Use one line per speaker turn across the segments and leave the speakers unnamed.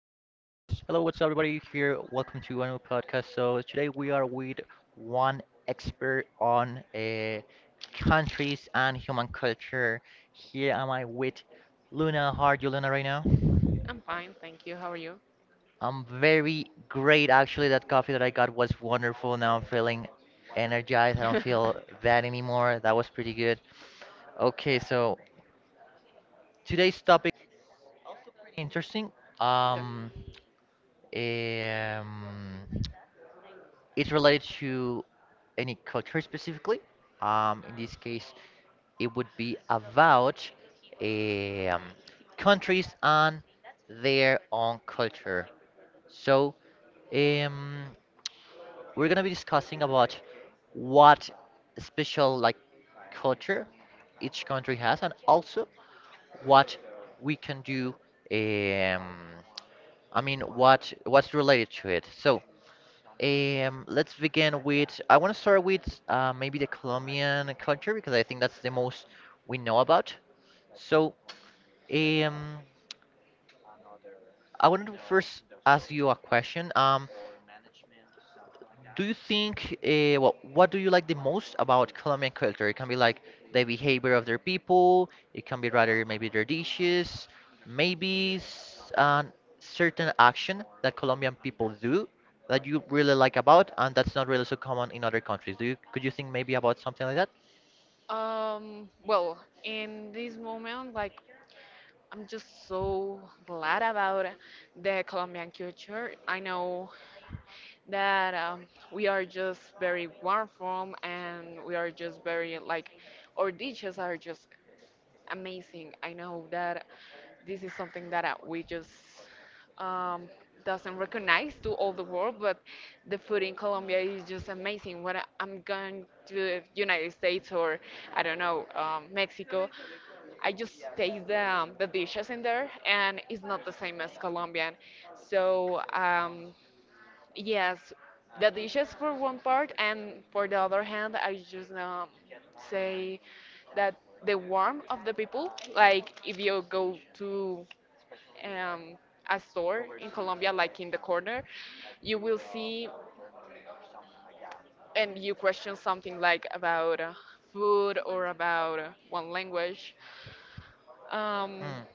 Hello, what's up, everybody? Here, welcome to a new podcast. So today we are with one expert on countries and human culture. Here am I with Luna. How are you, Luna, right now?
I'm fine, thank you. How are you?
I'm very great, actually. That coffee that I got was wonderful. Now I'm feeling energized. I don't feel bad anymore. That was pretty good. Okay, so today's topic, pretty interesting.
Good.
Um, um, it's related to any culture specifically. In this case, it would be about um, countries and their own culture. So, um, we're gonna be discussing about what special like culture each country has, and also what we can do. Um, I mean, what's related to it? So, let's begin with. I want to start with maybe the Colombian culture because I think that's the most we know about. So, um, I wanted to first ask you a question. Do you think, well, what do you like the most about Colombian culture? It can be like the behavior of their people, it can be rather maybe their dishes, maybe an certain action that Colombian people do that you really like about, and that's not really so common in other countries. Could you think maybe about something like that?
In this moment, I'm just so glad about the Colombian culture. I know that we are just very warm from and we are just very, our dishes are just amazing. I know that this is something that we just um, doesn't recognize to all the world, but the food in Colombia is just amazing. I'm going to the United States or I don't know Mexico, I just taste the dishes in there, and it's not the same as Colombian. So um, Yes, the dishes for one part, and for the other hand, I just say that the warmth of the people, like if you go to um, a store in Colombia, like in the corner, you will see and you question something like about food or about one language. Um,
Mm,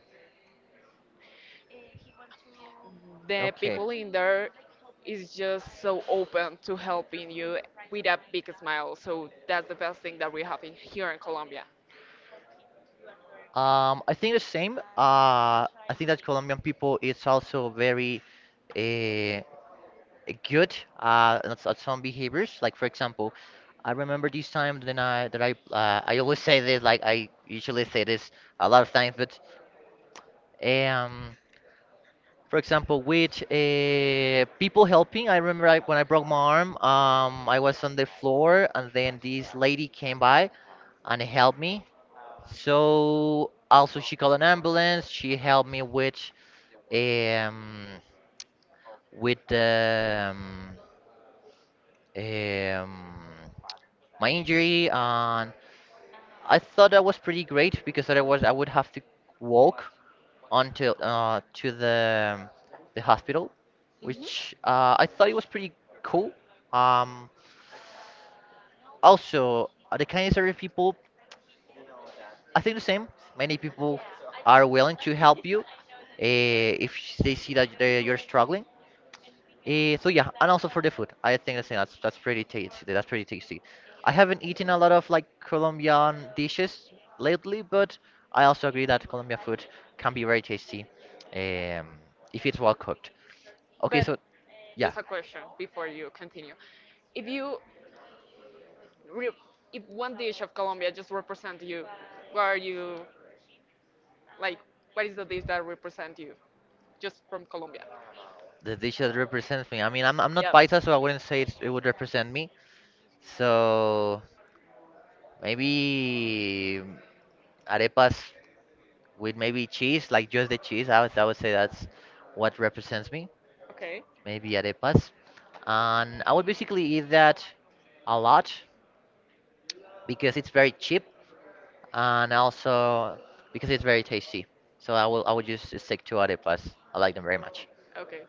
the
okay.
people in there is just so open to helping you with a big smile. So that's the best thing that we have in, here in Colombia.
I think the same. I think that Colombian people is also very, uh, good at, at some behaviors. Like for example, I remember this time that I always say this. Like I usually say this a lot of times, but um, for example, with people helping. I remember when I broke my arm. I was on the floor, and then this lady came by and helped me. So also she called an ambulance. She helped me um with um my injury, and I thought that was pretty great because otherwise I would have to walk until to the hospital,
hmm
which I thought it was pretty cool. Um, also, the kindness of people, I think the same. Many people are willing to help you if they see that you're struggling. So yeah, and also for the food, I think that's pretty tasty. That's pretty tasty. I haven't eaten a lot of like Colombian dishes lately, but I also agree that Colombian food can be very tasty, um, if it's well cooked. Okay,
But
so yeah,
just a question before you continue. If you, re- If one dish of Colombia just represent you, what are you like? What is the dish that represent you, just from Colombia?
the dish that represents me. I mean, I'm not
Yes.
Paisa, so I wouldn't say it would represent me. So maybe arepas with maybe cheese, like just the cheese. I would say that's what represents me.
Okay.
Maybe arepas. And I would basically eat that a lot because it's very cheap and also because it's very tasty. So I would just stick to arepas. I like them very much.
Okay.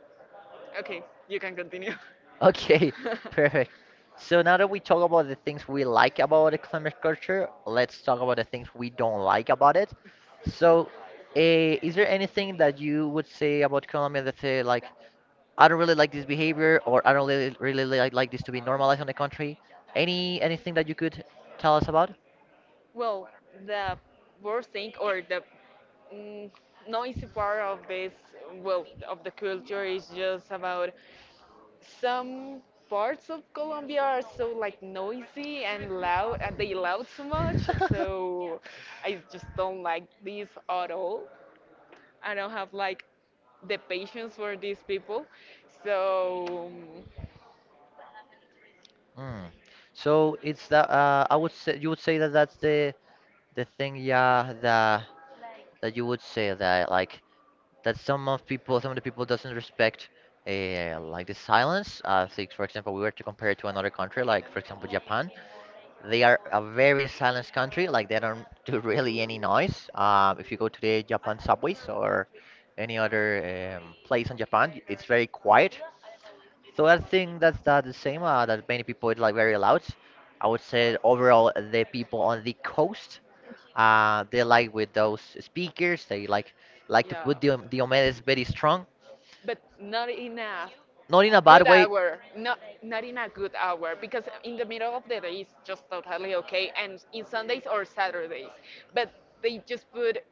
Okay, you can continue.
Okay, perfect. So now that we talk about the things we like about the climate culture, let's talk about the things we don't like about it. So, is there anything that you would say about Colombia that say like I don't really like this behavior, or I don't really, really like this to be normalized on the country. Anything that you could tell us about?
well, the worst thing or the mm, noisy part of this, well, of the culture is just about some parts of Colombia are so like noisy and loud, and they loud so much. So I just don't like these at all. I don't have like the patience for these people. So um,
Mm. So it's that I would say you would say that that's the thing, yeah, that you would say that like that some of the people doesn't respect like the silence. I think for example, we were to compare it to another country, like for example Japan. They are a very silent country, like they don't do really any noise. Um, if you go to the Japan subways or any other place in Japan, it's very quiet. So I think that's that the same, that many people is like very loud. I would say overall the people on the coast, they like with those speakers. They like to
yeah,
put the Diomedes very strong,
but not in a
not in a bad
good
way.
hour, not in a good hour because in the middle of the day is just totally okay, and in Sundays or Saturdays, but they just put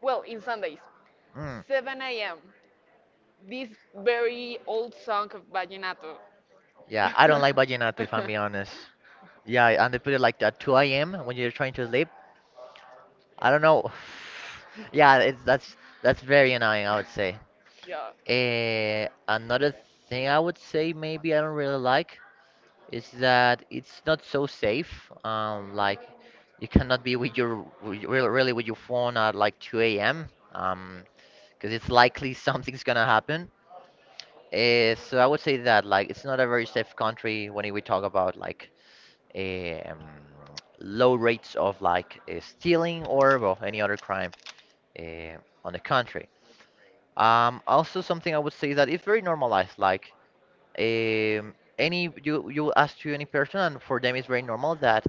well in Sundays
Mm.
7 a.m. this very old song of vallenato.
Yeah, I
Yeah.
don't like vallenato if I'm being honest. Yeah, and they put it like at 2 a.m. when you're trying to sleep. I don't know. Yeah, it's that's very annoying, I would say.
Yeah.
Another thing I would say maybe I don't really like is that it's not so safe. Like you cannot be really really with your phone at like 2 a.m. Um, because it's likely something's gonna happen. So I would say that like it's not a very safe country when we talk about like eh, um, low rates of like stealing or well any other crime uh, on the country. Also something I would say that it's very normalized. Like any you ask to any person, and for them it's very normal that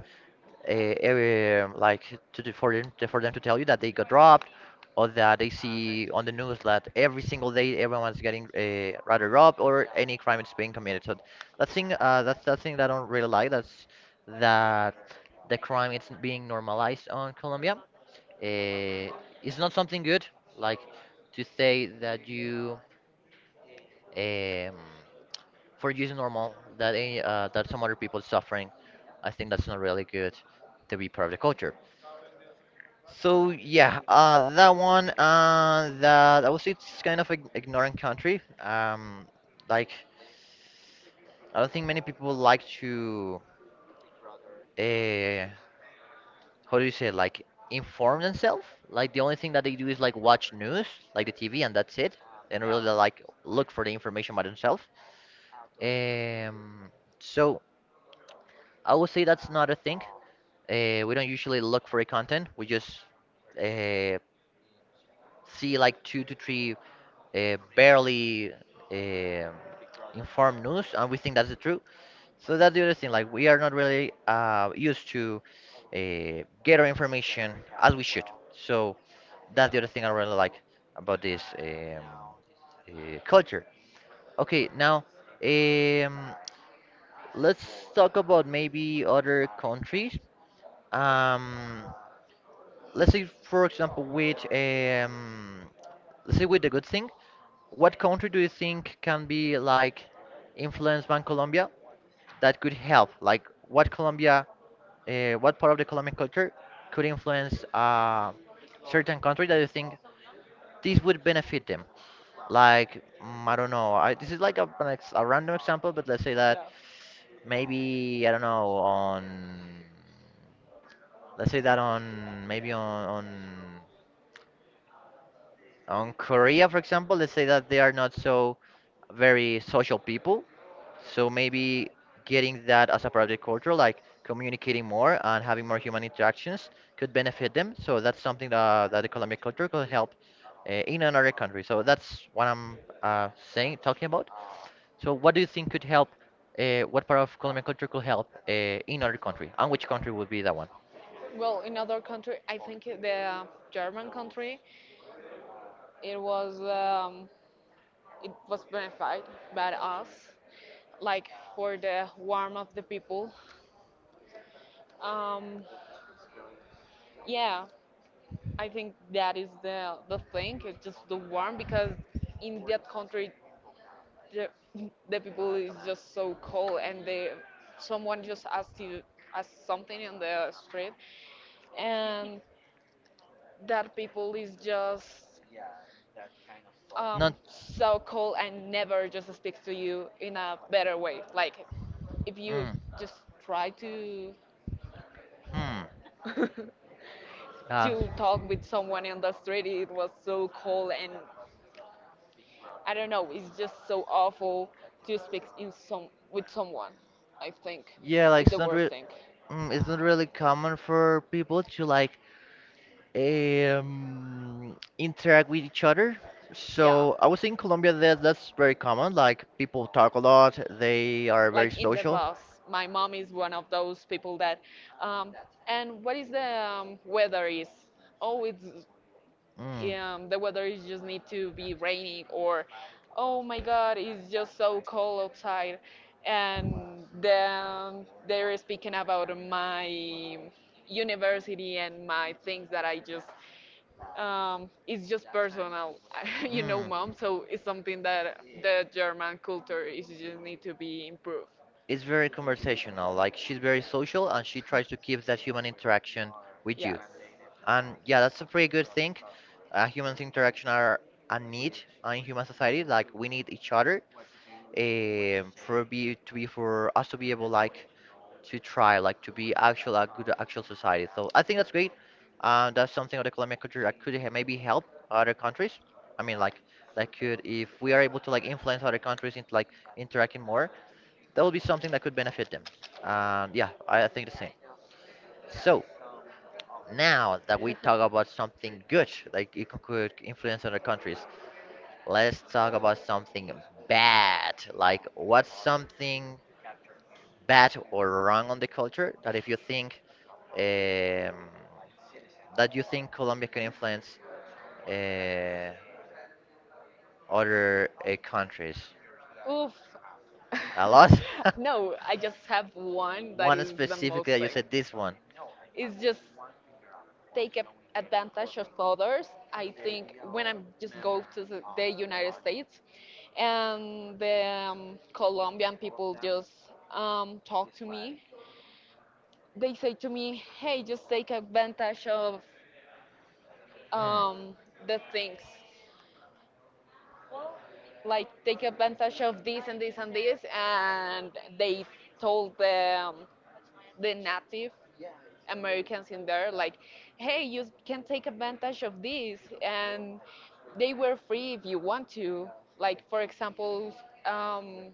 uh, every, like to the- for them to tell you that they got robbed, or that they see on the news that every single day everyone's getting rather robbed or any crime is being committed. So that thing, that's that thing that I don't really like. That's that the crime is being normalized on Colombia. Uh, it's not something good. Like to say that you um, for you, it's normal that any, that some other people suffering. I think that's not really good to be part of the culture. So yeah, that one, that I would say it's kind of ignorant country. Like I don't think many people like to, uh, how do you say, like inform themselves. Like the only thing that they do is like watch news, like the TV, and that's it. And really like look for the information by themselves. Um, so I would say that's not a thing. We don't usually look for a content. We just uh, see like two to three barely um informed news, and we think that's the truth. So that's the other thing. Like we are not really used to get our information as we should. So that's the other thing I really like about this culture. Okay, now um, let's talk about maybe other countries. Um, let's say, for example, with let's say with the good thing, what country do you think can be like influenced by Colombia that could help? Like, what Colombia, what part of the Colombian culture could influence a certain country that you think this would benefit them? Like, I don't know. This is like a random example, but let's say that
Yeah.
maybe I don't know on, let's say that on, maybe on Korea, for example, let's say that they are not so very social people. So maybe getting that as a part of their culture, like communicating more and having more human interactions, could benefit them. So that's something that the Colombian culture could help in another country. So that's what I'm saying, talking about. So what do you think could help? What part of Colombian culture could help in other country? And which country would be that one?
Well, in other country, I think the German country, it was um, it was benefited by us, like for the warm of the people. Um, yeah, I think that is the thing. It's just the warm because in that country the the people is just so cold and they someone just asks you asks something in the street and that people is just
Not.
so cold and never just speaks to you in a better way. Like if you
Mm,
just try to
hmm. Ah.
to talk with someone in the street, it was so cold and I don't know. It's just so awful to speak in some with someone. I think
Yeah, like
it's the worst thing.
it's not really common for people to like interact with each other.
Yeah,
So I would say in Colombia that that's very common. Like people talk a lot, they are very
like in the
social.
bus. My mom is one of those people that. Um, and what is the weather is? Oh, it's
Mm.
the weather is just need to be raining or oh my god it's just so cold outside and then they're speaking about my university and my things that I just it's just personal you know mom, so it's something that the German culture is just need to be
Mm.
improved.
It's very conversational. Like she's very social and she tries to keep that human interaction with you.
Yes.
And yeah, that's a pretty good thing. Humans interaction are a need in human society. Like we need each other for us to be able like to try like to be actual a good actual society. So I think that's great. That's something of the Colombian culture that could maybe help other countries. I mean, like that could if we are able to like influence other countries into like interacting more, that would be something that could benefit them. And yeah, I think the same. So now that we talk about something good, like it could influence other countries, let's talk about something bad. Like what's something bad or wrong on the culture that if you think um, that you think Colombia could influence uh, other countries?
Oof.
A lot.
No, I just have one that
One
is the
specifically
most
that you
thing.
said this one.
It's just take a- advantage of others. I think when I just go to the United States and the Colombian people just talk to me, they say to me, hey, just take advantage of
Hmm.
um, the things. Like, take advantage of this and this and this. And they told them the native Americans in there, like, hey, you can take advantage of this, and they were free if you want to. Like, for example, um,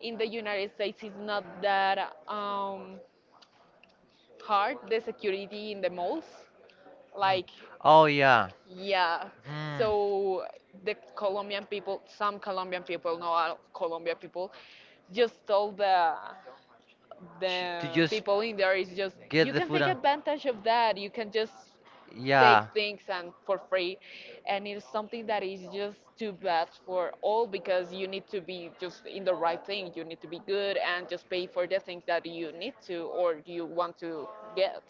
in the United States, it's not that um, hard, the security in the malls.
Mm.
Like,
Oh yeah.
yeah.
Mm.
So the Colombian people, some Colombian people, not all Colombian people, just told
To
the
just
people in there is just
get
you
the
can
food
take
on.
advantage of that you can just take
Yeah.
things and for free and it's something that is just too bad for all because you need to be just in the right thing you need to be good and just pay for the things that you need to or you want to get.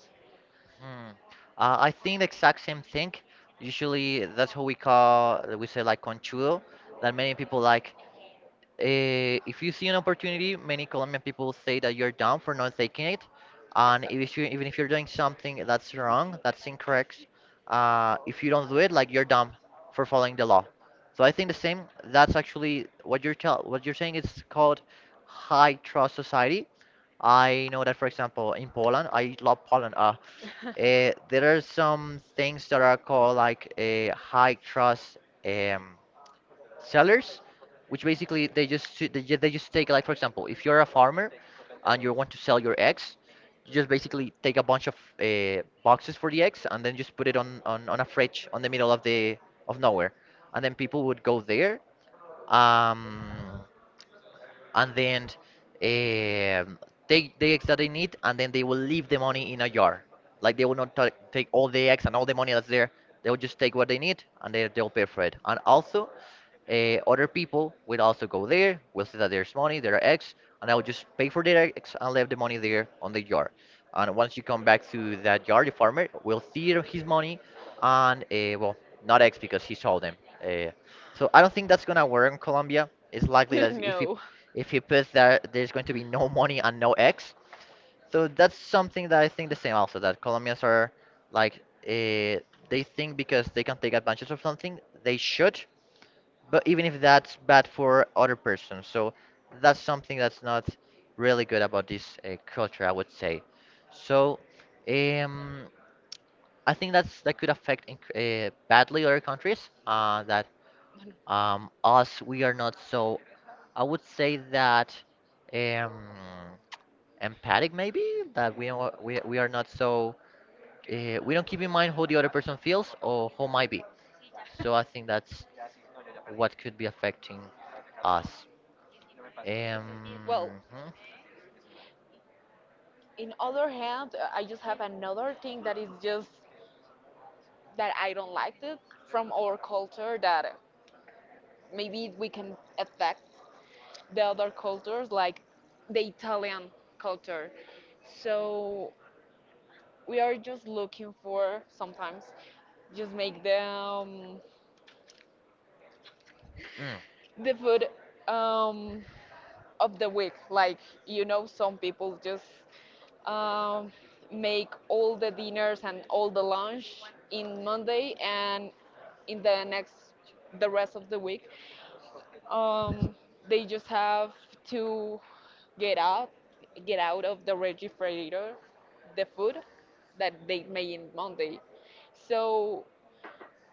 Hmm. I think the exact same thing. Usually, that's what we call, we say like conchudo, that many people like. If you see an opportunity, many Colombian people say that you're dumb for not taking it. And if you, even if you're doing something that's wrong, that's incorrect, if you don't do it, like you're dumb for following the law. So I think the same. That's actually what you're saying is called high trust society. I know that, for example, in Poland, I love Poland. There are some things that are called like a high trust. Um, sellers, which basically they just take, like for example, if you're a farmer and you want to sell your eggs, you just basically take a bunch of boxes for the eggs and then just put it on a fridge on the middle of the of nowhere, and then people would go there. Um, and then um take the eggs that they need, and then they will leave the money in a jar. Like they will not take all the eggs and all the money that's there. They will just take what they need, and then they'll pay for it. And also, other people will also go there, will see that there's money, there are eggs, and I will just pay for the eggs and leave the money there on the jar. And once you come back to that jar, the farmer will see his money and, well, not eggs because he sold them. Uh, so I don't think that's gonna work in Colombia. It's likely that
No,
if you put that, there's going to be no money and no eggs. So that's something that I think the same, also that Colombians are like uh, they think because they can take advantage of something they should, but even if that's bad for other persons. So that's something that's not really good about this culture, I would say. So um, I think that's that could affect badly other countries. That Us, we are not so, I would say that. Um, empathic maybe, that we are not so we don't keep in mind how the other person feels or who might be. So I think that's what could be affecting us. um
well,
mhm.
in other hand I just have another thing that is just that I don't like it from our culture that maybe we can affect the other cultures like the Italian culture. So we are just looking for sometimes just make
Mm,
the food um, of the week. Like you know, some people just um, make all the dinners and all the lunch in Monday and in the next the rest of the week. Um, they just have to get out, get out of the refrigerator, the food that they made in Monday. So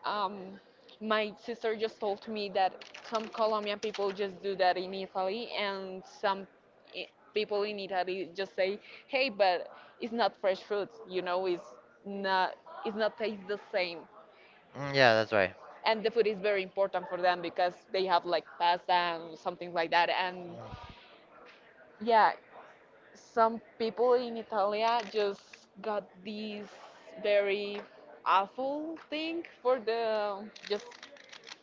um, my sister just told me that some Colombian people just do that in Italy, and i- people in Italy just say, "Hey, but it's not fresh fruits. You know, not, it's not taste the same."
mm, yeah, that's right.
And the food is very important for them because they have like pasta and something like that, and
Mm,
yeah, some people in Italia just got this very awful thing for the just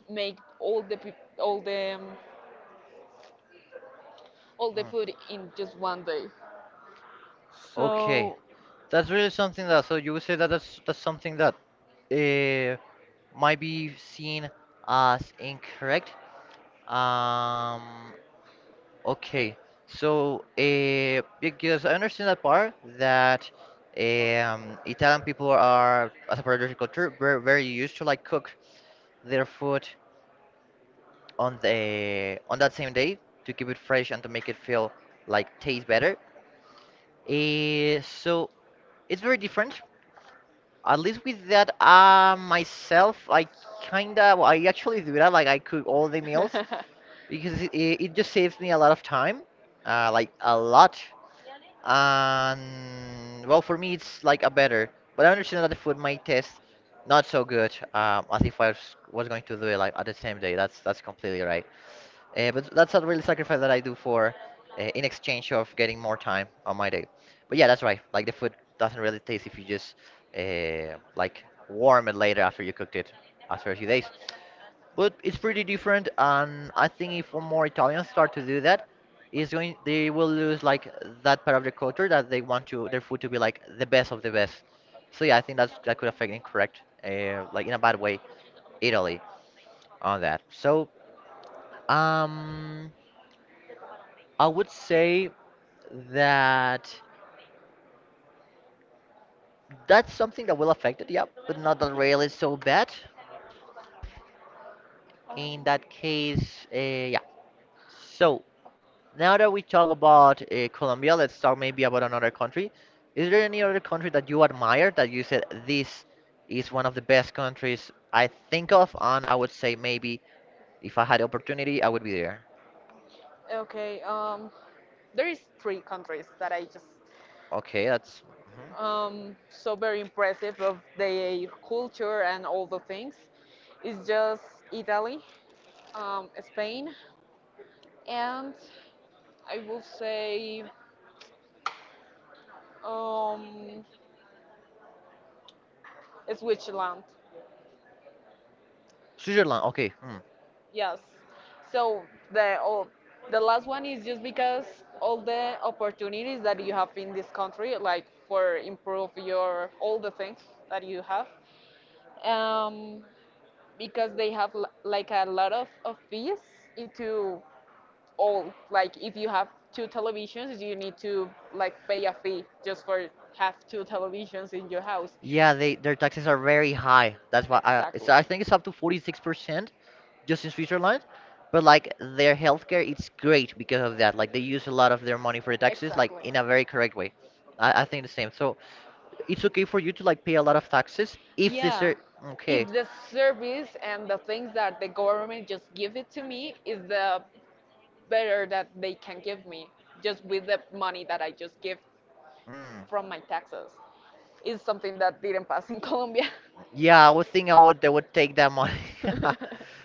make all the all the
mm.
food in just one day.
Okay, that's really something. That so you would say that that's something that uh, might be seen as incorrect. um Okay, so because I understand that part, that Italian people are, as a particular culture, very, very used to like cook their food on that same day to keep it fresh and to make it feel like taste better. So it's very different. At least with that, myself, I kinda, well, I actually do that. Like I cook all the meals because it just saves me a lot of time, like a lot. And well, for me, it's like a better, but I understand that the food might taste not so good, as if was going to do it like at the same day. That's completely right. But that's a really sacrifice that I do for in exchange of getting more time on my day. But yeah, that's right. Like the food doesn't really taste if you just like warm it later after you cooked it, after a few days. But it's pretty different, and I think if one more Italians start to do that, it's going they will lose like that part of the culture that they want to their food to be like the best of the best. So yeah, I think that's that could affect like in a bad way, Italy on that. So um, I would say that that's something that will affect it, yeah, but not that really so bad. In that case, yeah. So now that we talk about Colombia, let's talk maybe about another country. Is there any other country that you admire, that you said, this is one of the best countries I think of, and I would say maybe if I had the opportunity, I would be there?
Okay, there is three countries that I just
Okay, that's mhm.
so very impressive of the culture and all the things. It's just Italy, Spain, and I will say um, Switzerland.
Switzerland. Okay, hmm.
Yes. So the all, the last one is just because all the opportunities that you have in this country, like for improve your all the things that you have, um, because they have like a lot of fees into all. Like if you have two televisions, you need to like pay a fee just for have two televisions in your house.
Yeah,
Yeah.
they, their taxes are very high. That's why I
Exactly.
it's, I think it's up to 46% just in Switzerland. But like their healthcare, it's great because of that. Like they use a lot of their money for the taxes, like
Exactly.
in a very correct way. I think the same. So it's okay for you to like pay a lot of taxes if they
Yeah.
ser
If
Okay.
the service and the things that the government just give it to me is the better that they can give me, just with the money that I just give
Mm.
from my taxes, is something that didn't pass in Colombia.
Yeah, I would think I would they would take that money.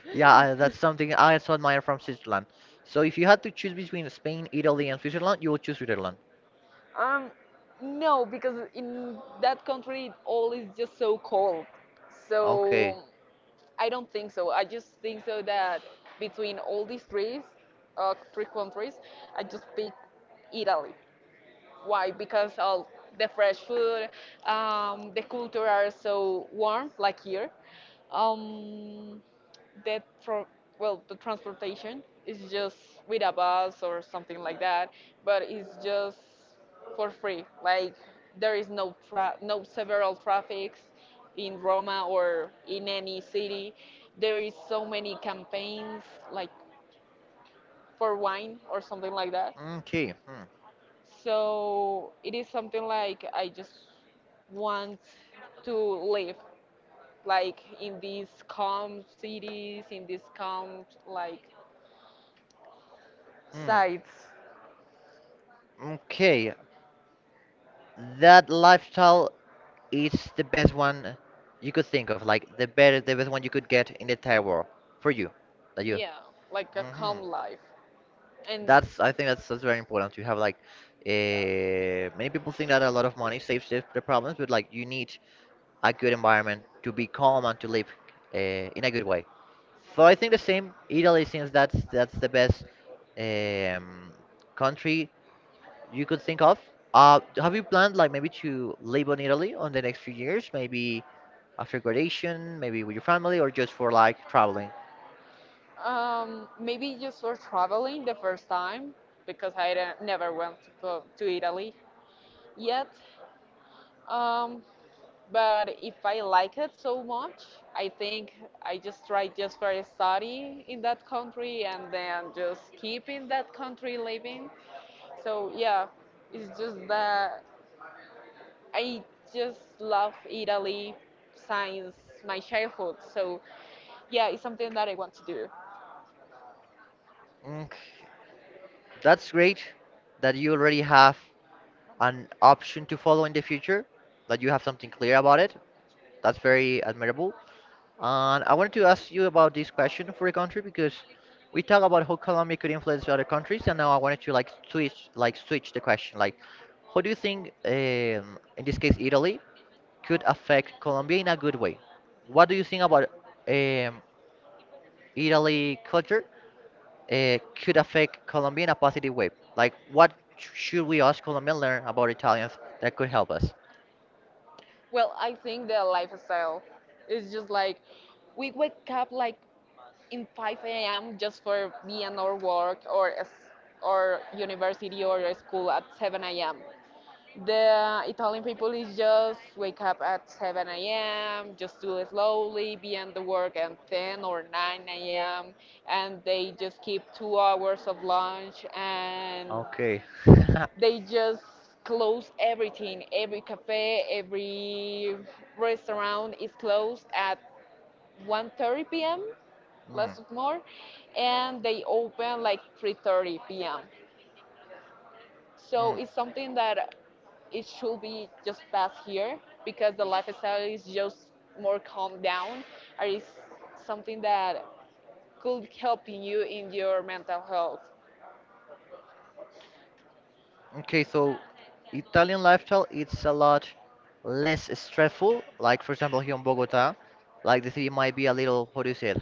Yeah, I- that's something I also admire from Switzerland. So if you had to choose between Spain, Italy, and Switzerland, you would choose Switzerland.
Um, no, because in that country it all is just so cold.
Okay.
So I don't think so. I just think so that between all these three, three countries, I just pick Italy. Why? Because all the fresh food, the culture are so warm, like here. Um, the pro- well the transportation is just with a bus or something like that but it's just for free like there is no several traffics in roma or in any city there is so many campaigns like for wine or something like that
Okay. Hmm.
so it is something like I just want to live like in these calm cities in these calm like
Hmm.
sides.
Okay. That lifestyle, it's the best one you could think of, like the better, the best one you could get in the entire world for you, that you.
Yeah, like a
Hmm.
calm life. And
That's I think that's very important to have. Like,
yeah.
many people think that a lot of money saves the problems, but like you need a good environment to be calm and to live uh, in a good way. So I think the same. Italy, since that's the best um, country you could think of? Have you planned like maybe to live on Italy on the next few years? Maybe after graduation, maybe with your family, or just for like traveling?
Maybe just for traveling the first time because I didn't- never went to go to Italy yet. Um, but if I like it so much, I think I just try just for a study in that country and then just keep in that country living. So yeah, it's just that I just love Italy since my childhood. So yeah, it's something that I want to do.
Mm, that's great that you already have an option to follow in the future, that you have something clear about it. That's very admirable. And I wanted to ask you about this question for a country, because we talk about how Colombia could influence other countries, and now I wanted to like switch the question. Like, how do you think, in this case, Italy, could affect Colombia in a good way. What do you think about um, Italy culture could affect Colombia in a positive way? Like, what should we ask Colombian learn about Italians that could help us?
Well, I think the lifestyle is just like we wake up like in 5 a.m. just for being or work or or university or school at 7 a.m. The Italian people is just wake up at 7 a.m., just do it slowly, be on the work at 10 or 9 a.m., and they just keep 2 hours of lunch and
Okay.
they just close everything. Every cafe, every restaurant is closed at 1:30 p.m.
Mm,
less or more, and they open like 3:30 p.m. So
mm.
it's something that it should be just best here because the lifestyle is just more calm down or is something that could help you in your mental health.
Okay, so Italian lifestyle, it's a lot less stressful. Like for example, here in Bogota, like the city might be a little, how do you say it,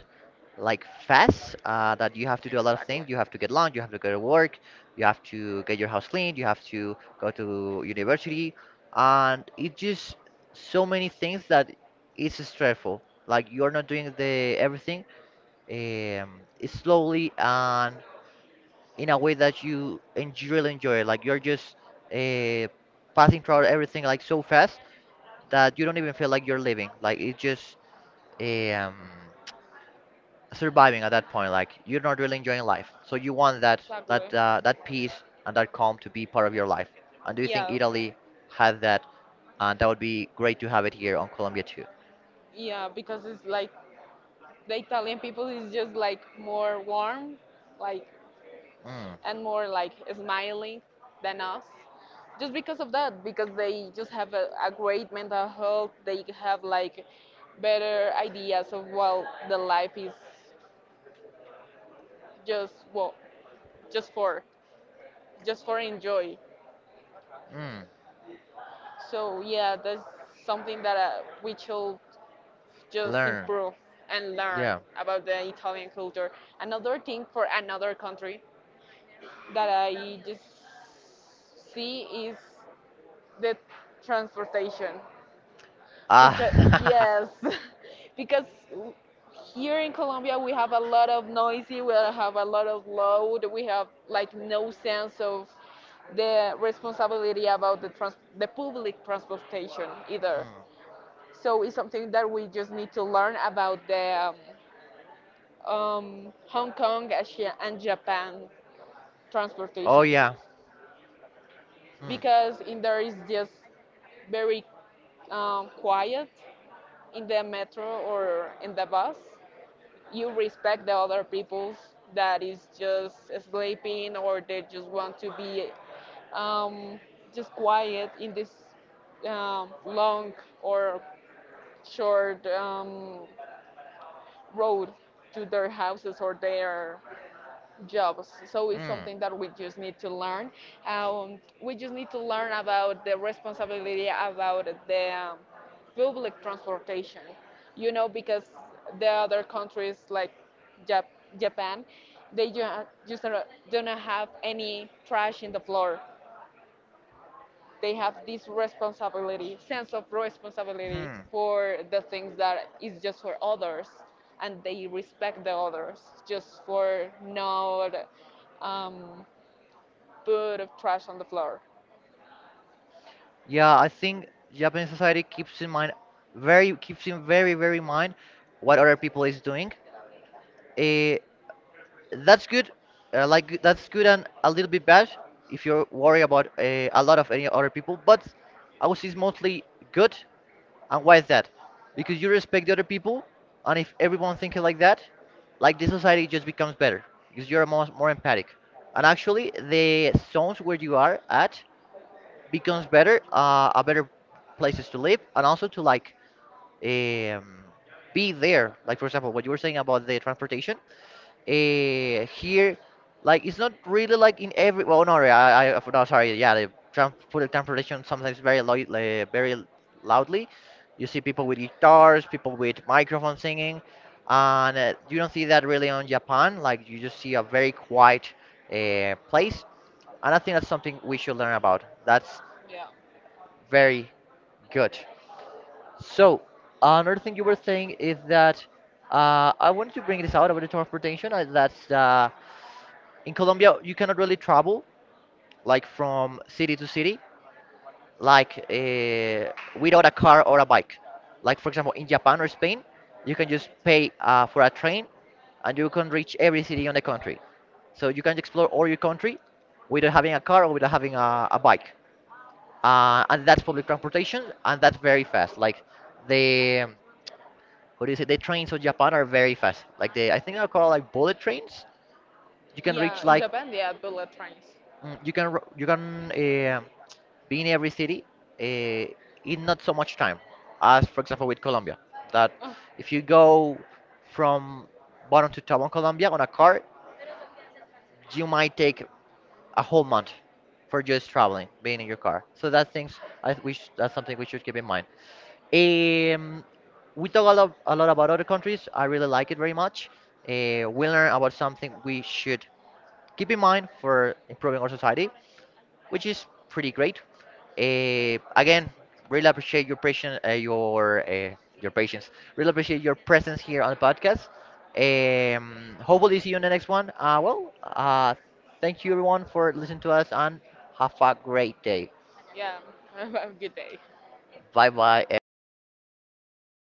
like fast. That you have to do a lot of things. You have to get lunch. You have to go to work. You have to get your house cleaned. You have to go to university, and it just so many things that it's stressful. Like you're not doing the everything slowly, and in a way that you you really enjoy it. Like you're just uh, passing through everything like so fast that you don't even feel like you're living. Like it's just eh, um, surviving at that point. Like you're not really enjoying life. So you want that
Exactly.
that peace and that calm to be part of your life. And do you think
Yes.
Italy had that? And that would be great to have it here on Colombia too.
Yeah, because it's like the Italian people is just like more warm, like
Mm,
and more like smiling than us just because of that because they just have a great mental health they have like better ideas of what the life is just well just for just for enjoy
mm,
so yeah that's something that we should just
learn.
improve and learn
Yeah.
about the Italian culture. Another thing for another country that I just see is the transportation.
Ah.
Because yes, because here in Colombia we have a lot of noisy, we have a lot of loud, we have like no sense of the responsibility about the public transportation either.
Mm.
So it's something that we just need to learn about the Hong Kong, Asia, and Japan
Oh
transportation
yeah. Mm.
because in there is just very quiet in the metro or in the bus you respect the other people's that is just sleeping or they just want to be um, just quiet in this long or short road to their houses or their jobs. So it's
Mm.
something that we just need to learn. We just need to learn about the responsibility about the public transportation, you know, because the other countries like Jap- Japan, just don't have any trash in the floor they have this responsibility, sense of responsibility
Hmm.
for the things that is just for others, and they respect the others just for not um, put trash on the floor.
Yeah, I think Japanese society keeps in mind, very keeps in very very mind what other people is doing. Eh, That's good. Like that's good and a little bit bad if you're worried about a lot of any other people. But I would say it's mostly good. And why is that? Because you respect the other people, and if everyone thinking like that, like the society just becomes better because you're more empathic. And actually, the zones where you are at becomes better, a better places to live, and also to like um, be there. Like for example, what you were saying about the transportation, here, like it's not really like in every. Well, no, no, sorry. Yeah, the public transportation sometimes very loud, very loudly. You see people with guitars, people with microphones singing, and you don't see that really on Japan. Like you just see a very quiet place, and I think that's something we should learn about. That's
Yeah.
very good. So another thing you were saying is that I wanted to bring this out about the transportation. That's in Colombia, you cannot really travel like from city to city, like without a car or a bike. Like for example, in Japan or Spain, you can just pay for a train, and you can reach every city on the country. So you can explore all your country without having a car or without having a bike. And that's public transportation, and that's very fast. Like the what do you say? The trains of Japan are very fast. Like the I think they're called like bullet trains. You can reach
Yeah, in
like
Japan they have bullet trains.
Mm, you can you can be in every city uh, in not so much time, as for example with Colombia, that
Oh,
if you go from bottom to top on Colombia on a car, you might take a whole month for just traveling being in your car. So that things I th- we sh- that's something we should keep in mind. um, we talk a lot about other countries. I really like it very much. We learn about something we should keep in mind for improving our society, which is pretty great. Again, really appreciate your patience, your patience. Really appreciate your presence here on the podcast. Hopefully, see you in the next one. Thank you everyone for listening to us, and have a great day.
yeah, have a good day.
Bye bye, everybody.